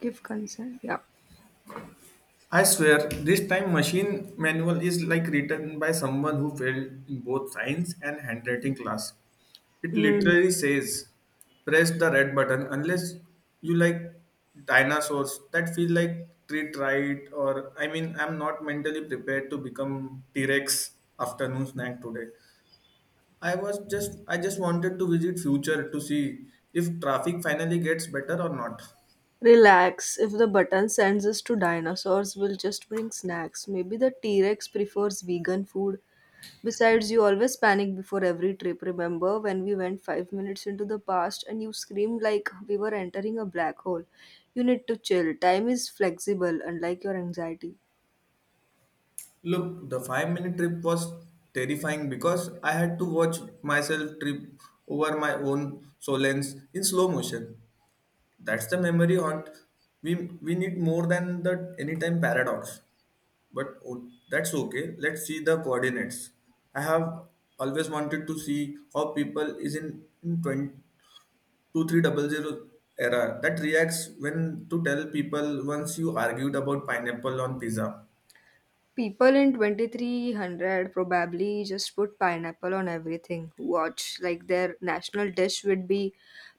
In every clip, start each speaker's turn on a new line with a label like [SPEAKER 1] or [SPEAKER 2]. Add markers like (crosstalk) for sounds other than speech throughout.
[SPEAKER 1] Give consent. Yeah.
[SPEAKER 2] I swear, this time machine manual is like written by someone who failed in both science and handwriting class. It
[SPEAKER 1] Hmm.
[SPEAKER 2] literally says, press the red button unless you like dinosaurs that feel like treat right or I mean I'm not mentally prepared to become T-Rex afternoon snack today. I just wanted to visit future to see if traffic finally gets better or not.
[SPEAKER 1] Relax. If the button sends us to dinosaurs, we'll just bring snacks. Maybe the T Rex prefers vegan food. Besides, you always panic before every trip. Remember when we went 5 minutes into the past and you screamed like we were entering a black hole? You need to chill. Time is flexible, unlike your anxiety.
[SPEAKER 2] Look, the 5-minute trip was terrifying because I had to watch myself trip over my own solence in slow motion. That's the memory haunt. We we need more than the anytime paradox. But that's okay. Let's see the coordinates. I have always wanted to see how people is in 20, 2300 era that reacts when to tell people once you argued about pineapple on pizza.
[SPEAKER 1] People in 2300 probably just put pineapple on everything. Watch, like their national dish would be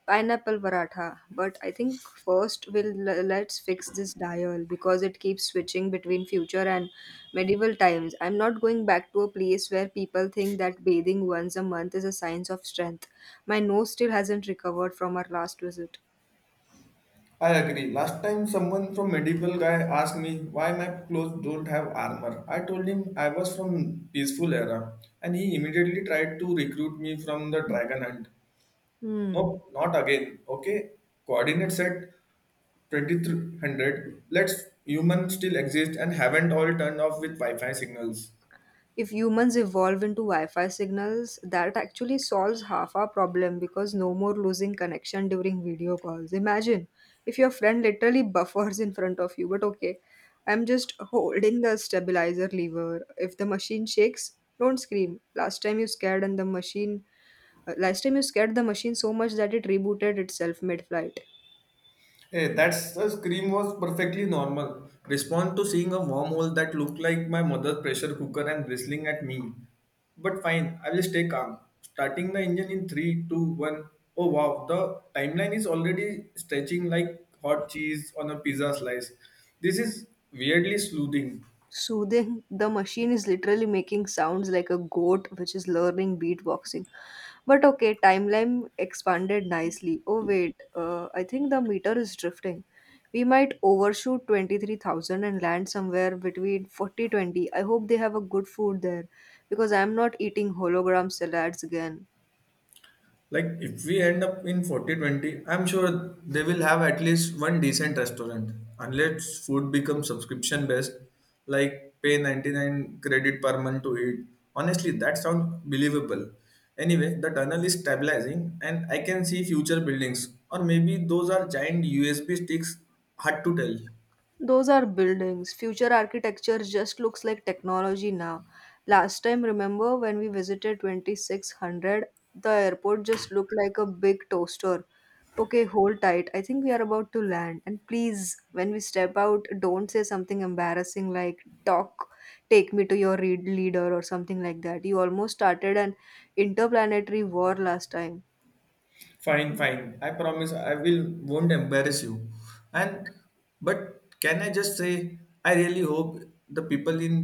[SPEAKER 1] pineapple paratha. But I think first let's fix this dial because it keeps switching between future and medieval times. I'm not going back to a place where people think that bathing once a month is a sign of strength. My nose still hasn't recovered from our last visit.
[SPEAKER 2] I agree. Last time someone from medieval guy asked me why my clothes don't have armor. I told him I was from peaceful era and he immediately tried to recruit me from the dragon hunt.
[SPEAKER 1] Hmm.
[SPEAKER 2] Nope, not again. Okay, coordinate set 2300. Let's humans still exist and haven't all turned off with Wi-Fi signals.
[SPEAKER 1] If humans evolve into Wi Fi signals, that actually solves half our problem because no more losing connection during video calls. Imagine if your friend literally (laughs) buffers in front of you, but okay, I'm just holding the stabilizer lever. If the machine shakes, don't scream. Last time you scared the machine so much that it rebooted itself mid flight.
[SPEAKER 2] Hey, that's the scream was perfectly normal. Respond to seeing a wormhole that looked like my mother's pressure cooker and bristling at me. But fine, I will stay calm. Starting the engine in three, two, one. Oh wow, the timeline is already stretching like hot cheese on a pizza slice. This is weirdly soothing.
[SPEAKER 1] Soothing. The machine is literally making sounds like a goat which is learning beatboxing. But okay, timeline expanded nicely. Oh wait, I think the meter is drifting. We might overshoot 23,000 and land somewhere between 40-20. I hope they have a good food there because I'm not eating hologram salads again.
[SPEAKER 2] Like if we end up in 4020, I'm sure they will have at least one decent restaurant. Unless food becomes subscription based, like pay 99 credit per month to eat. Honestly, that sounds believable. Anyway, the tunnel is stabilizing and I can see future buildings. Or maybe those are giant USB sticks, hard to tell.
[SPEAKER 1] Those are buildings. Future architecture just looks like technology now. Last time, remember when we visited 2600, the airport just looked like a big toaster. Okay, hold tight. I think we are about to land. And please, when we step out, don't say something embarrassing like, talk, take me to your read leader or something like that. You almost started an interplanetary war last time.
[SPEAKER 2] Fine, fine. I promise I will won't embarrass you. And but can I just say I really hope the people in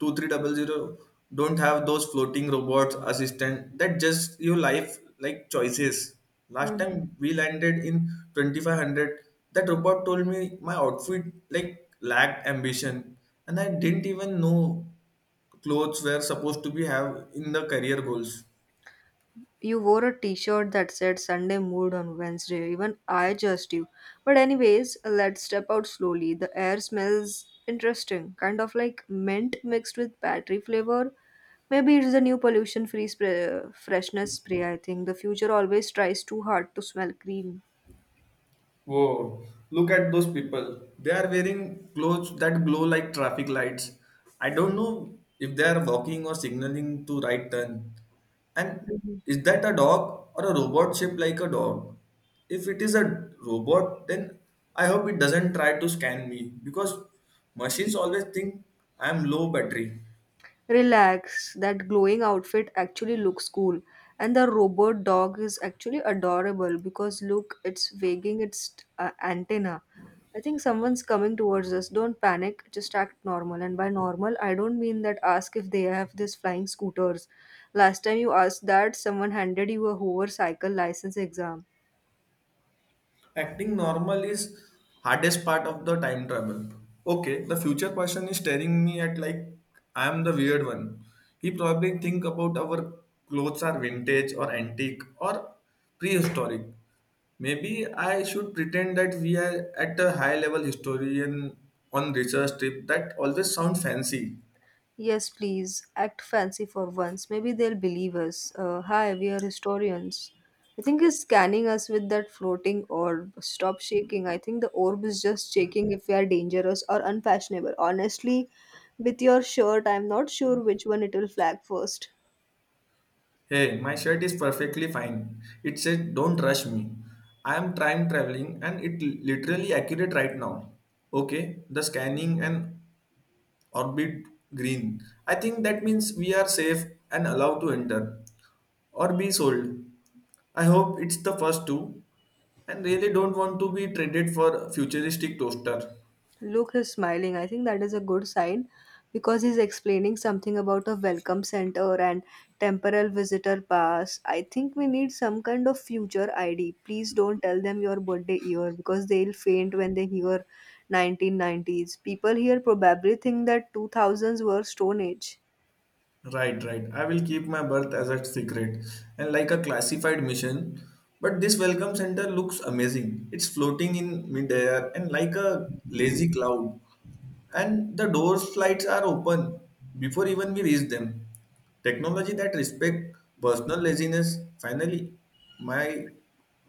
[SPEAKER 2] two three double zero don't have those floating robots assistant that just your life like choices. Last
[SPEAKER 1] Mhm.
[SPEAKER 2] time we landed in 2500 that robot told me my outfit like lacked ambition and I didn't even know clothes were supposed to be have in the career goals.
[SPEAKER 1] You wore a t-shirt that said Sunday mood on Wednesday. Even I judged you. But anyways, let's step out slowly. The air smells interesting, kind of like mint mixed with battery flavor. Maybe it's the new freshness spray, I think. The future always tries too hard to smell green.
[SPEAKER 2] Whoa, look at those people. They are wearing clothes that glow like traffic lights. I don't know if they are walking or signaling to right turn. And is that a dog or a robot shaped like a dog? If it is a robot, then I hope it doesn't try to scan me because machines always think I am low battery.
[SPEAKER 1] Relax, that glowing outfit actually looks cool. And the robot dog is actually adorable because look, it's wagging its antenna. I think someone's coming towards us. Don't panic, just act normal. And by normal, I don't mean that ask if they have these flying scooters. Last time you asked that, someone handed you a hover cycle license exam.
[SPEAKER 2] Acting normal is hardest part of the time travel. Okay, the future person is staring me at like I am the weird one. He probably think about our clothes are vintage or antique or prehistoric. Maybe I should pretend that we are at a high level historian on research trip that always sound fancy.
[SPEAKER 1] Yes, please, act fancy for once. Maybe they'll believe us. Hi, we are historians. I think he's scanning us with that floating orb. Stop shaking. I think the orb is just checking if we are dangerous or unfashionable. Honestly, with your shirt, I'm not sure which one it will flag first.
[SPEAKER 2] Hey, my shirt is perfectly fine. It said, don't rush me. I am time traveling and it literally accurate right now. Okay, the scanning and orbit green. I think that means we are safe and allowed to enter or be sold. I hope it's the first two and really don't want to be traded for futuristic toaster.
[SPEAKER 1] Look, he's smiling. I think that is a good sign because he's explaining something about a welcome center and temporal visitor pass. I think we need some kind of future ID. Please don't tell them your birthday year because they'll faint when they hear 1990s. People here probably think that 2000s were Stone Age.
[SPEAKER 2] Right, right. I will keep my birth as a secret and like a classified mission. But this welcome center looks amazing. It's floating in midair and like a lazy cloud. And the door slides are open before even we reach them. Technology that respect personal laziness. Finally, my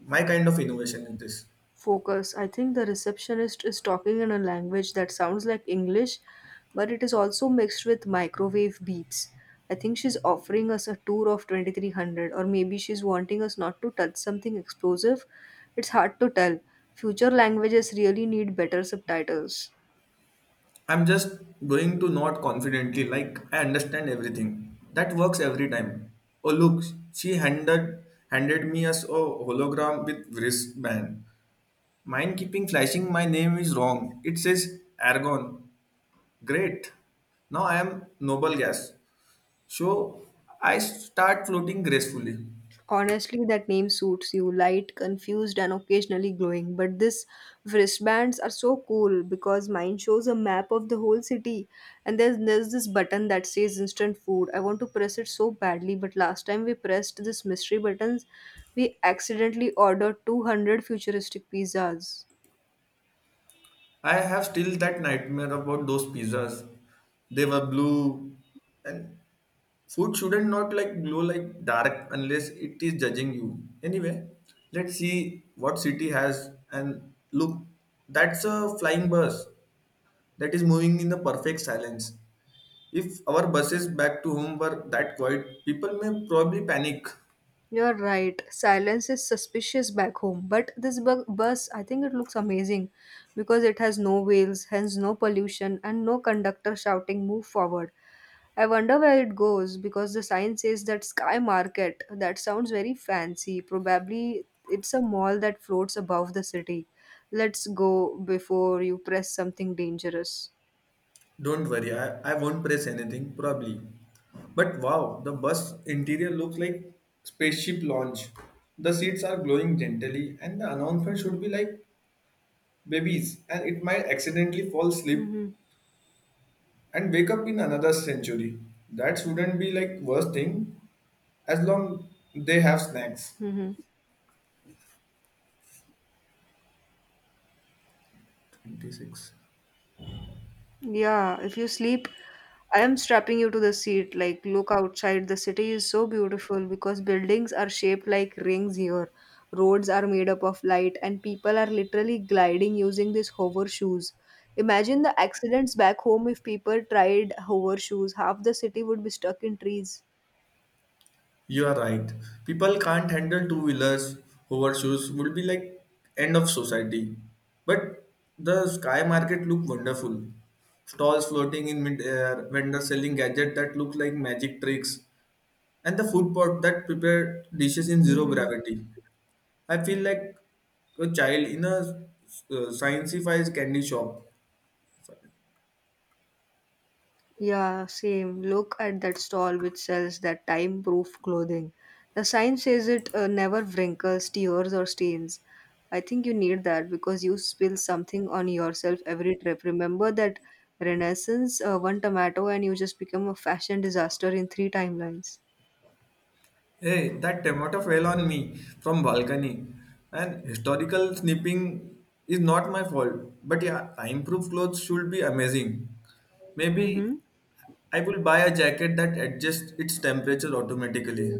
[SPEAKER 2] my kind of innovation in this.
[SPEAKER 1] Focus. I think the receptionist is talking in a language that sounds like English, but it is also mixed with microwave beeps. I think she's offering us a tour of 2300, or maybe she's wanting us not to touch something explosive. It's hard to tell. Future languages really need better subtitles.
[SPEAKER 2] I'm just going to nod confidently, like I understand everything. That works every time. Oh look, she handed me a hologram with wristband. Mine keeping flashing my name is wrong. It says Argon. Great. Now I am noble gas. So I start floating gracefully.
[SPEAKER 1] Honestly, that name suits you light, confused, and occasionally glowing. But this wristbands are so cool because mine shows a map of the whole city. And there's this button that says instant food. I want to press it so badly, but last time we pressed this mystery buttons, we accidentally ordered 200 futuristic pizzas.
[SPEAKER 2] I have still that nightmare about those pizzas. They were blue and food shouldn't not like glow like dark unless it is judging you. Anyway, let's see what city has and look, that's a flying bus that is moving in the perfect silence. If our buses back to home were that quiet, people may probably panic.
[SPEAKER 1] You're right. Silence is suspicious back home, but bus, I think it looks amazing because it has no wheels, hence no pollution, and no conductor shouting "Move forward." I wonder where it goes because the sign says that Sky Market. That sounds very fancy. Probably it's a mall that floats above the city. Let's go before you press something dangerous.
[SPEAKER 2] Don't worry, I won't press anything, probably. But wow, the bus interior looks like spaceship launch. The seats are glowing gently, and the announcement should be like babies and it might accidentally fall asleep
[SPEAKER 1] Mm-hmm.
[SPEAKER 2] and wake up in another century. That wouldn't be like worst thing as long they have snacks.
[SPEAKER 1] Mm-hmm.
[SPEAKER 2] 26.
[SPEAKER 1] Yeah, if you sleep, I am strapping you to the seat. Like, look outside. The city is so beautiful because buildings are shaped like rings here. Roads are made up of light, and people are literally gliding using these hover shoes. Imagine the accidents back home if people tried hover shoes. Half the city would be stuck in trees.
[SPEAKER 2] You are right. People can't handle two wheelers, hover shoes would be like end of society. But the sky market look wonderful. Stalls floating in mid-air, vendors selling gadgets that look like magic tricks, and the food pot that prepare dishes in zero
[SPEAKER 1] Mm-hmm.
[SPEAKER 2] gravity. I feel like a child in a scienceified candy shop.
[SPEAKER 1] Yeah, same. Look at that stall which sells that time proof clothing. The sign says it never wrinkles, tears, or stains. I think you need that because you spill something on yourself every trip. Remember that Renaissance, one tomato, and you just become a fashion disaster in three timelines.
[SPEAKER 2] Hey, that tomato fell on me from balcony. And historical snipping is not my fault. But yeah, improved clothes should be amazing. Maybe
[SPEAKER 1] Mm-hmm.
[SPEAKER 2] I will buy a jacket that adjusts its temperature automatically.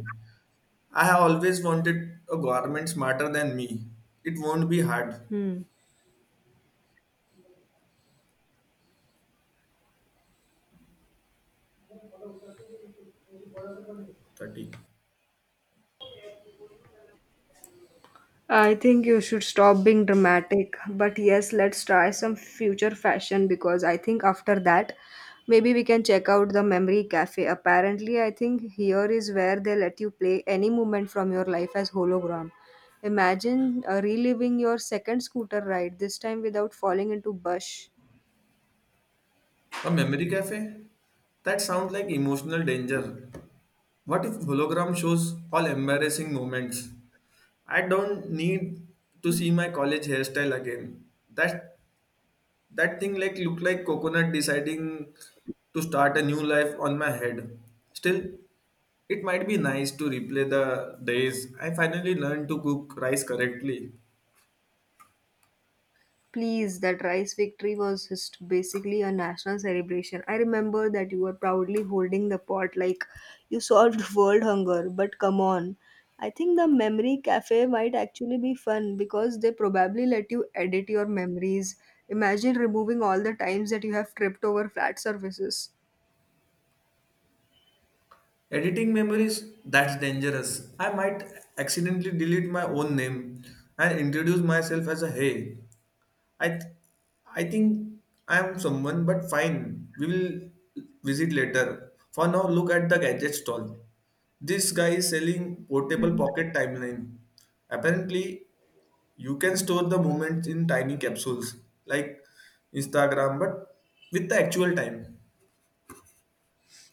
[SPEAKER 2] I have always wanted a garment smarter than me. It won't be hard.
[SPEAKER 1] Hmm.
[SPEAKER 2] 30.
[SPEAKER 1] I think you should stop being dramatic. But yes, let's try some future fashion because I think after that, maybe we can check out the Memory Cafe. Apparently, I think here is where they let you play any moment from your life as hologram. Imagine reliving your second scooter ride, this time without falling into bush.
[SPEAKER 2] A memory cafe? That sounds like emotional danger. What if hologram shows all embarrassing moments? I don't need to see my college hairstyle again. That that thing like look like coconut deciding to start a new life on my head. Still, it might be nice to replay the days I finally learned to cook rice correctly.
[SPEAKER 1] Please, that rice victory was just basically a national celebration. I remember that you were proudly holding the pot like you solved (laughs) world hunger. But come on, I think the memory cafe might actually be fun because they probably let you edit your memories. Imagine removing all the times that you have tripped over flat surfaces.
[SPEAKER 2] Editing memories, that's dangerous. I might accidentally delete my own name and introduce myself as a hey. I th- I think I am someone, but fine. We will visit later. For now, look at the gadget stall. This guy is selling portable pocket timeline. Apparently, you can store the moments in tiny capsules like Instagram, but with the actual time.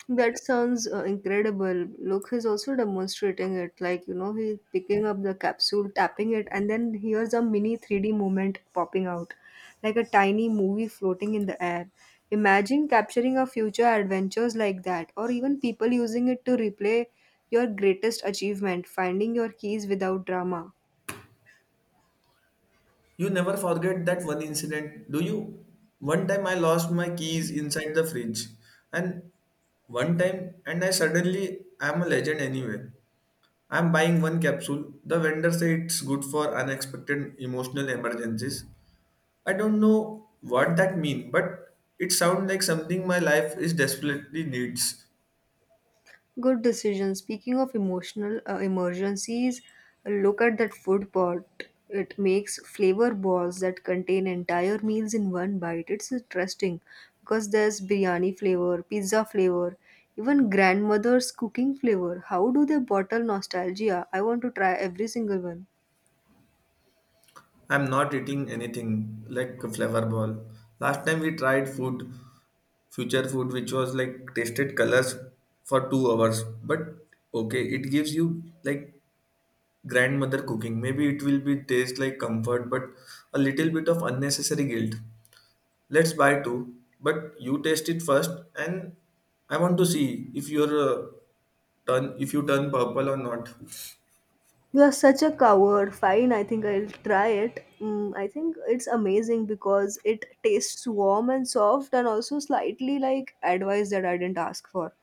[SPEAKER 1] That sounds incredible. Look, he's also demonstrating it. Like, you know, he's picking up the capsule, tapping it, and then here's a mini 3D movement popping out, like a tiny movie floating in the air. Imagine capturing our future adventures like that, or even people using it to replay your greatest achievement, finding your keys without drama.
[SPEAKER 2] You never forget that one incident, do you? One time I lost my keys inside the fridge, and one time, and I suddenly am a legend anyway. I'm buying one capsule. The vendor said it's good for unexpected emotional emergencies. I don't know what that means, but it sounds like something my life is desperately needs.
[SPEAKER 1] Good decision. Speaking of emotional emergencies, look at that food pot. It makes flavor balls that contain entire meals in one bite. It's interesting because there's biryani flavor, pizza flavor, even grandmother's cooking flavor. How do they bottle nostalgia? I want to try every single one.
[SPEAKER 2] I'm not eating anything like a flavor ball. Last time we tried food, future food, which was like tasted colors for 2 hours. But okay, it gives you like grandmother cooking. Maybe it will be taste like comfort, but a little bit of unnecessary guilt. Let's buy two, but you taste it first, and I want to see if your turn if you turn purple or not.
[SPEAKER 1] You are such a coward. Fine, I think I'll try it. Mm, I think it's amazing because it tastes warm and soft and also slightly like advice that I didn't ask for.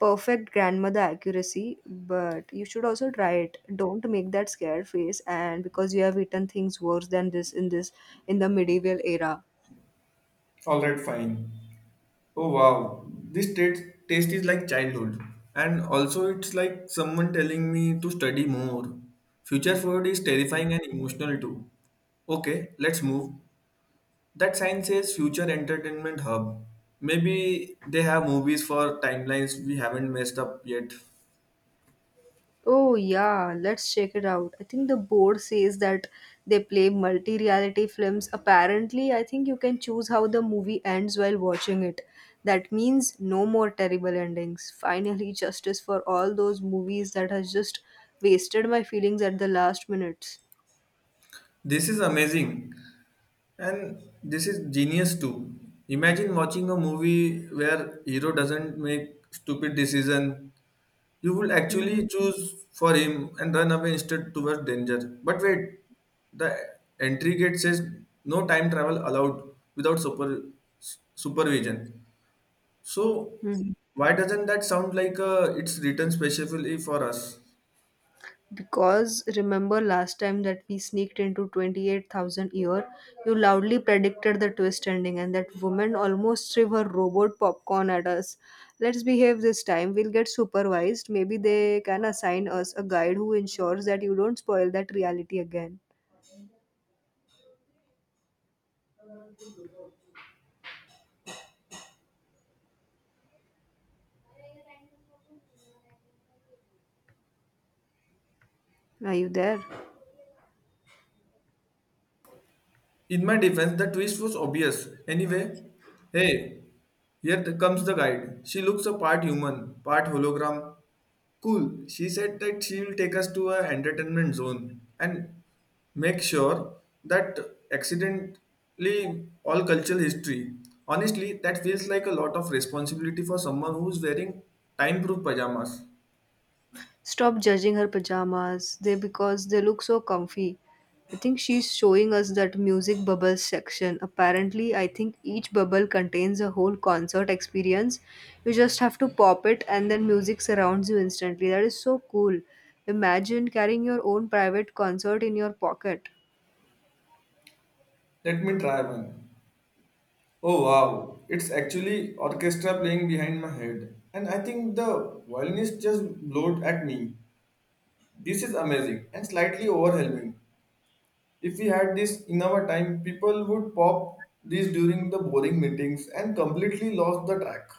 [SPEAKER 1] Perfect grandmother accuracy, but you should also try it. Don't make that scared face and because you have eaten things worse than this in the medieval era.
[SPEAKER 2] All right, fine. Oh wow, this taste is like childhood, and also it's like someone telling me to study more. Future food is terrifying and emotional too. Okay, let's move. That sign says Future Entertainment Hub. Maybe they have movies for timelines we haven't messed up yet.
[SPEAKER 1] Oh yeah, let's check it out. I think the board says that they play multi-reality films. Apparently, I think you can choose how the movie ends while watching it. That means no more terrible endings. Finally, justice for all those movies that has just wasted my feelings at the last minutes.
[SPEAKER 2] This is amazing. And this is genius too. Imagine watching a movie where hero doesn't make stupid decision. You will actually
[SPEAKER 1] Hmm
[SPEAKER 2] choose for him and run away instead towards danger. But wait, the entry gate says no time travel allowed without supervision. So why doesn't that sound like it's written specifically for us?
[SPEAKER 1] Because remember last time that we sneaked into 28,000 year, you loudly predicted the twist ending and that woman almost threw her robot popcorn at us. Let's behave this time. We'll get supervised. Maybe they can assign us a guide who ensures that you don't spoil that reality again. Are you there?
[SPEAKER 2] In my defense, the twist was obvious. Anyway, hey, here comes the guide. She looks a part human, part hologram. Cool. She said that she will take us to a entertainment zone and make sure that accidentally all cultural history. Honestly, that feels like a lot of responsibility for someone who's wearing time-proof pajamas.
[SPEAKER 1] Stop judging her pajamas. They because they look so comfy. I think she's showing us that music bubbles section. Apparently, I think each bubble contains a whole concert experience. You just have to pop it and then music surrounds you instantly. That is so cool. Imagine carrying your own private concert in your pocket.
[SPEAKER 2] Let me try one. Oh wow, it's actually orchestra playing behind my head. And I think the violinist just blowed at me. This is amazing and slightly overwhelming. If we had this in our time, people would pop these during the boring meetings and completely lost the track.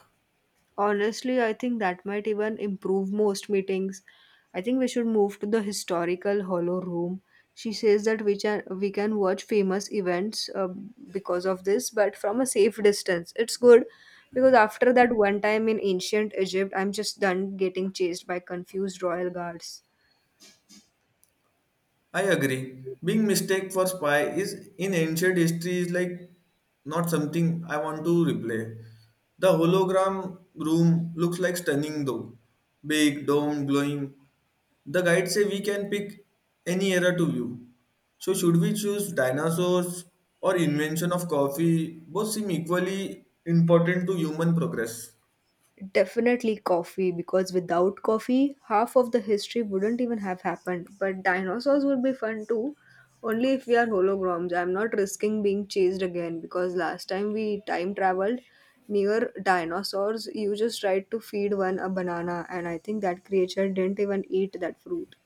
[SPEAKER 1] Honestly, I think that might even improve most meetings. I think we should move to the historical hollow room. She says that we can watch famous events because of this, but from a safe distance. It's good because after that one time in ancient Egypt, I'm just done getting chased by confused royal guards.
[SPEAKER 2] I agree. Being mistaken for spy is in ancient history is like not something I want to replay. The hologram room looks like stunning though. Big, domed, glowing. The guide say we can pick any era to view. So should we choose dinosaurs or invention of coffee? Both seem equally important to human progress.
[SPEAKER 1] Definitely coffee, because without coffee, half of the history wouldn't even have happened. But dinosaurs would be fun too, only if we are holograms. I'm not risking being chased again because last time we time traveled near dinosaurs, you just tried to feed one a banana, and I think that creature didn't even eat that fruit.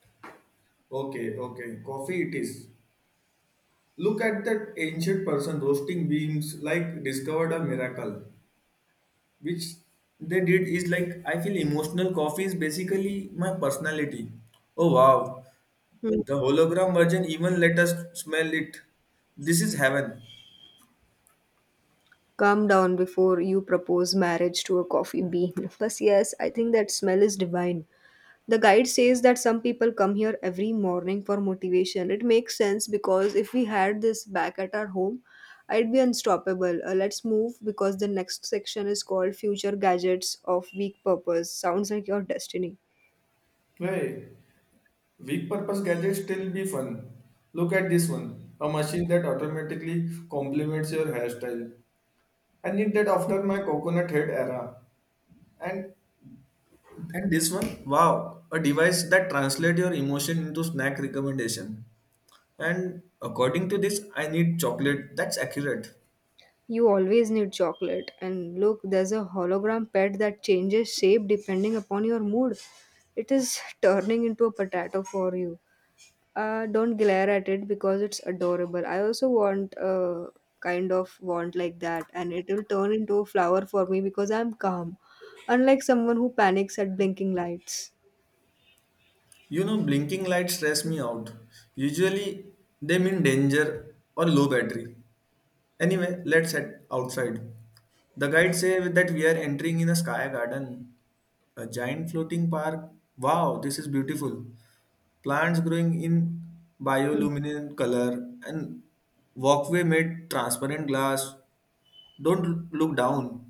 [SPEAKER 2] Okay, okay. Coffee it is. Look at that ancient person roasting beans like discovered a miracle, which they did is like I feel emotional coffee is basically my personality. Oh wow,
[SPEAKER 1] Hmm.
[SPEAKER 2] the hologram version even let us smell it. This is heaven.
[SPEAKER 1] Calm down before you propose marriage to a coffee bean. (laughs) Plus, yes, I think that smell is divine. The guide says that some people come here every morning for motivation. It makes sense because if we had this back at our home, I'd be unstoppable. Let's move because the next section is called Future Gadgets of Weak Purpose. Sounds like your destiny.
[SPEAKER 2] Hey, weak purpose gadgets still be fun. Look at this one, a machine that automatically complements your hairstyle. I need that after my coconut head era. And And this one, wow, a device that translates your emotion into snack recommendation. And according to this, I need chocolate. That's accurate.
[SPEAKER 1] You always need chocolate. And look, there's a hologram pet that changes shape depending upon your mood. It is turning into a potato for you. Don't glare at it because it's adorable. I also want a kind of want like that, and it will turn into a flower for me because I'm calm, unlike someone who panics at blinking lights.
[SPEAKER 2] You know, blinking lights stress me out. Usually, they mean danger or low battery. Anyway, let's head outside. The guide says that we are entering in a sky garden, a giant floating park. Wow, this is beautiful. Plants growing in
[SPEAKER 1] Hmm.
[SPEAKER 2] bioluminescent color and walkway made transparent glass. Don't look down.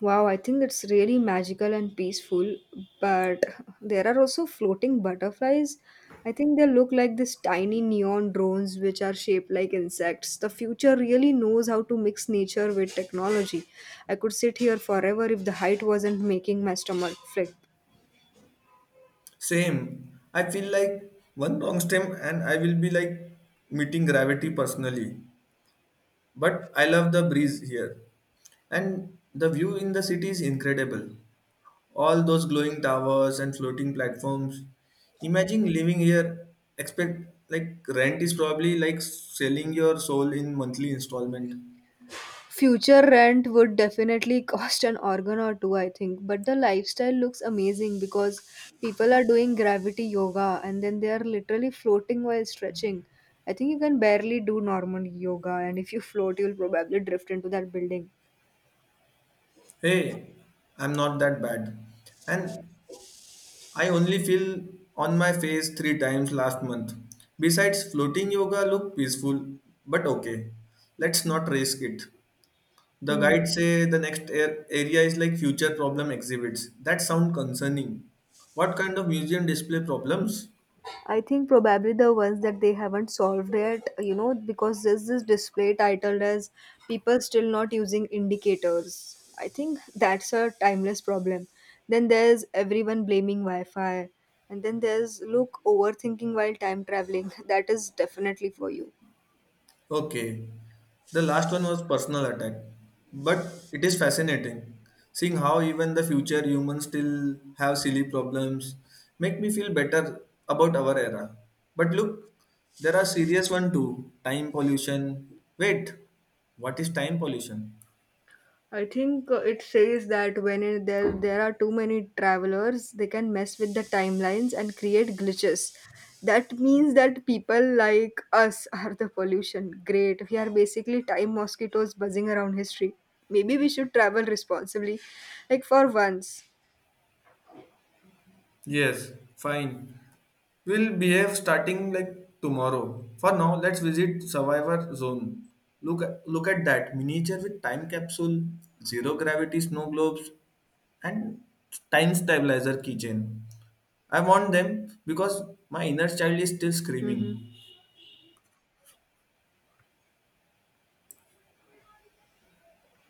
[SPEAKER 1] Wow, I think it's really magical and peaceful, but there are also floating butterflies. I think they look like these tiny neon drones which are shaped like insects. The future really knows how to mix nature with technology. I could sit here forever if the height wasn't making my stomach flip.
[SPEAKER 2] Same. I feel like one wrong stem and I will be like meeting gravity personally. But I love the breeze here. And the view in the city is incredible. All those glowing towers and floating platforms. Imagine living here, expect like rent is probably like selling your soul in monthly installment.
[SPEAKER 1] Future rent would definitely (laughs) cost an organ or two, I think. But the lifestyle looks amazing because people are doing gravity yoga, and then they are literally floating while stretching. I think you can barely do normal yoga, and if you (laughs) float, you'll probably drift into that building.
[SPEAKER 2] Hey, I'm not that bad. And I only fell on my face three times last month. Besides, floating yoga looked peaceful, but okay, let's not risk it. The
[SPEAKER 1] Hmm.
[SPEAKER 2] guide say the next air area is like future problem exhibits. That sound concerning. What kind of museum display problems?
[SPEAKER 1] I think probably the ones that they haven't solved yet, you know, because there's this display titled as people still not using indicators. I think that's a timeless problem. Then there's everyone blaming Wi Fi. And then there's look overthinking while time traveling. (laughs) That is definitely for you.
[SPEAKER 2] Okay, the last one was personal attack, but it is fascinating seeing how even the future humans still have silly problems. Make me feel better about our era. But look, there are serious one too. Time pollution. Wait, what is time pollution?
[SPEAKER 1] I think it says that there are too many travelers, they can mess with the timelines and create glitches. That means that people like us (laughs) are the pollution. Great, we are basically time mosquitoes buzzing around history. Maybe we should travel responsibly, like for once.
[SPEAKER 2] Yes, fine. We'll behave starting like tomorrow. For now, let's visit Survivor Zone. Look at that miniature with time capsule, zero gravity snow globes, and time stabilizer keychain. I want them because my inner child is still
[SPEAKER 1] Mm-hmm.
[SPEAKER 2] screaming.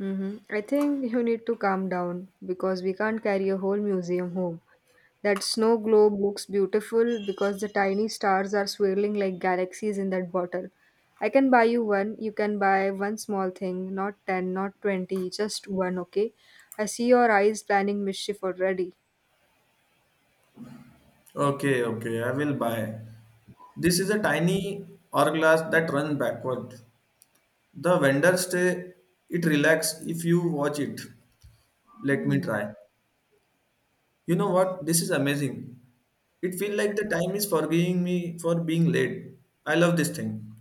[SPEAKER 1] Mm-hmm. I think you need to calm down because we can't carry a whole museum home. That snow globe looks beautiful because the tiny stars are swirling like galaxies in that bottle. I can buy you one. You can buy one small thing, not 10, not 20, just one, okay? I see your eyes planning mischief already.
[SPEAKER 2] Okay, okay, I will buy. This is a tiny hourglass that runs backward. The vendor say it relax if you watch it. Let me
[SPEAKER 1] Hmm.
[SPEAKER 2] try. You know what? This is amazing. It feels like the time is forgiving me for being late. I love this thing.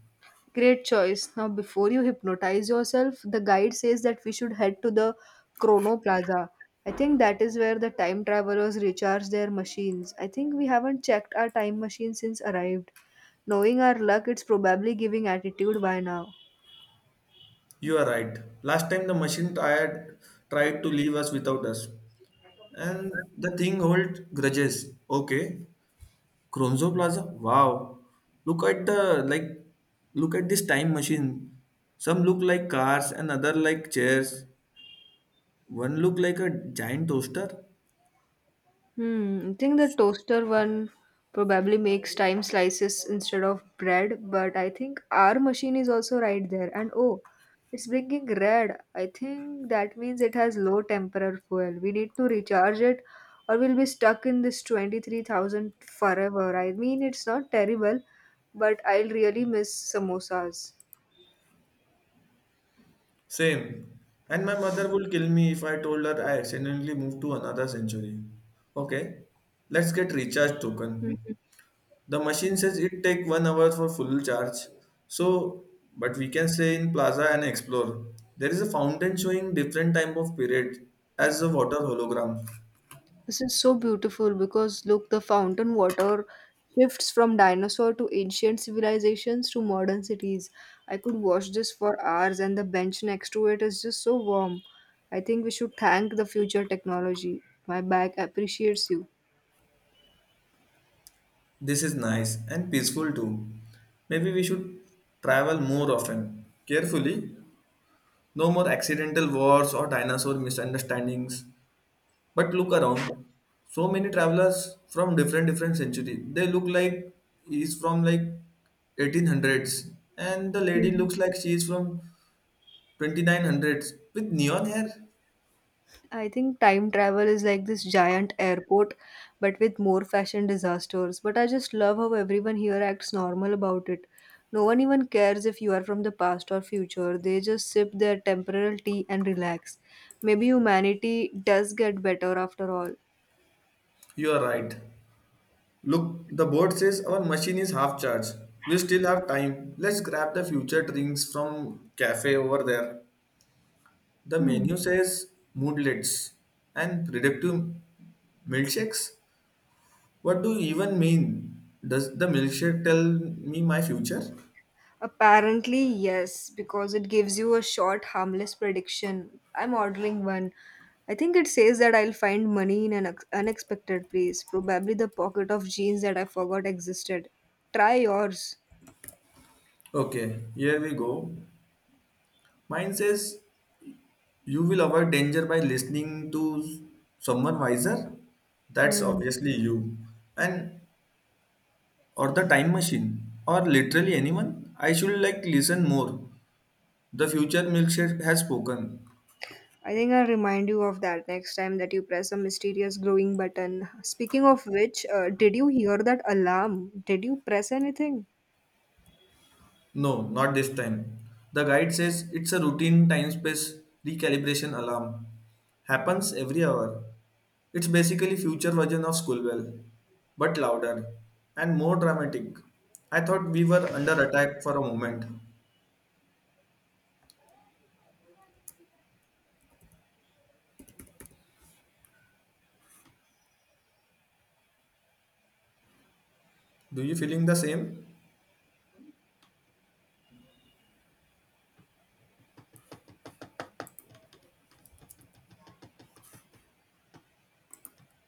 [SPEAKER 1] Great choice. Now, before you hypnotize yourself, the guide says that we should head to the Chrono Plaza. I think that is where the time travelers recharge their machines. I think we haven't checked our time machine since arrived. Knowing our luck, it's probably giving attitude by now.
[SPEAKER 2] You are right. Last time the machine tired tried to leave us without us. And the thing holds grudges. Okay. Cronzo Plaza. Wow. Look at the like Look at this time machine. Some look like cars and other like chairs. One look like a giant toaster.
[SPEAKER 1] Hmm, I think the toaster one probably makes time slices instead of bread, but I think our machine is also right there. And oh, it's blinking red. I think that means it has low temporal fuel. We need to recharge it, or we'll be stuck in this 23,000 forever. I mean, it's not terrible, but I'll really miss samosas.
[SPEAKER 2] Same. And my mother would kill me if I told her I accidentally moved to another century. Okay, let's get recharge token. The machine says it take 1 hour for full charge. So, but we can stay in plaza and explore. There is a fountain showing different type of period as a water hologram.
[SPEAKER 1] This is so beautiful because look, the fountain water shifts from dinosaur to ancient civilizations to modern cities. I could watch this for hours, and the bench next to it is just so warm. I think we should thank the future technology. My bag appreciates you.
[SPEAKER 2] This is nice and peaceful too. Maybe we should travel more often, carefully. No more accidental wars or dinosaur misunderstandings. But look around, so many travelers from different century. They look like he's from like 1800s, and the lady
[SPEAKER 1] Mhm.
[SPEAKER 2] looks like she is from 2900s with neon hair.
[SPEAKER 1] I think time travel is like this giant airport, but with more fashion disasters. But I just love how everyone here acts normal about it. No one even cares if you are from the past or future. They just sip their temporal tea and relax. Maybe humanity does get better after all.
[SPEAKER 2] You are right. Look, the board says our machine is half charged. We still have time. Let's grab the future drinks from cafe over there. The menu says moodlets and predictive milkshakes. What do you even mean? Does the milkshake tell me my future?
[SPEAKER 1] Apparently, yes, because it gives you a short, harmless prediction. I'm ordering one. I think it says that I'll find money in an ex- unexpected place, probably the pocket of jeans that I forgot existed. Try yours.
[SPEAKER 2] Okay, here we go. Mine says you will avoid danger by listening to someone wiser. That's
[SPEAKER 1] Hmm.
[SPEAKER 2] obviously you. And or the time machine or literally anyone. I should like listen more. The future milkshake has spoken.
[SPEAKER 1] I think I'll remind you of that next time that you press a mysterious glowing button. Speaking of which, did you hear that alarm? Did you press anything?
[SPEAKER 2] No, not this time. The guide says it's a routine time space recalibration alarm. Happens every hour. It's basically future version of Schoolwell, but louder and more dramatic. I thought we were under attack for a moment. Do you feeling the same?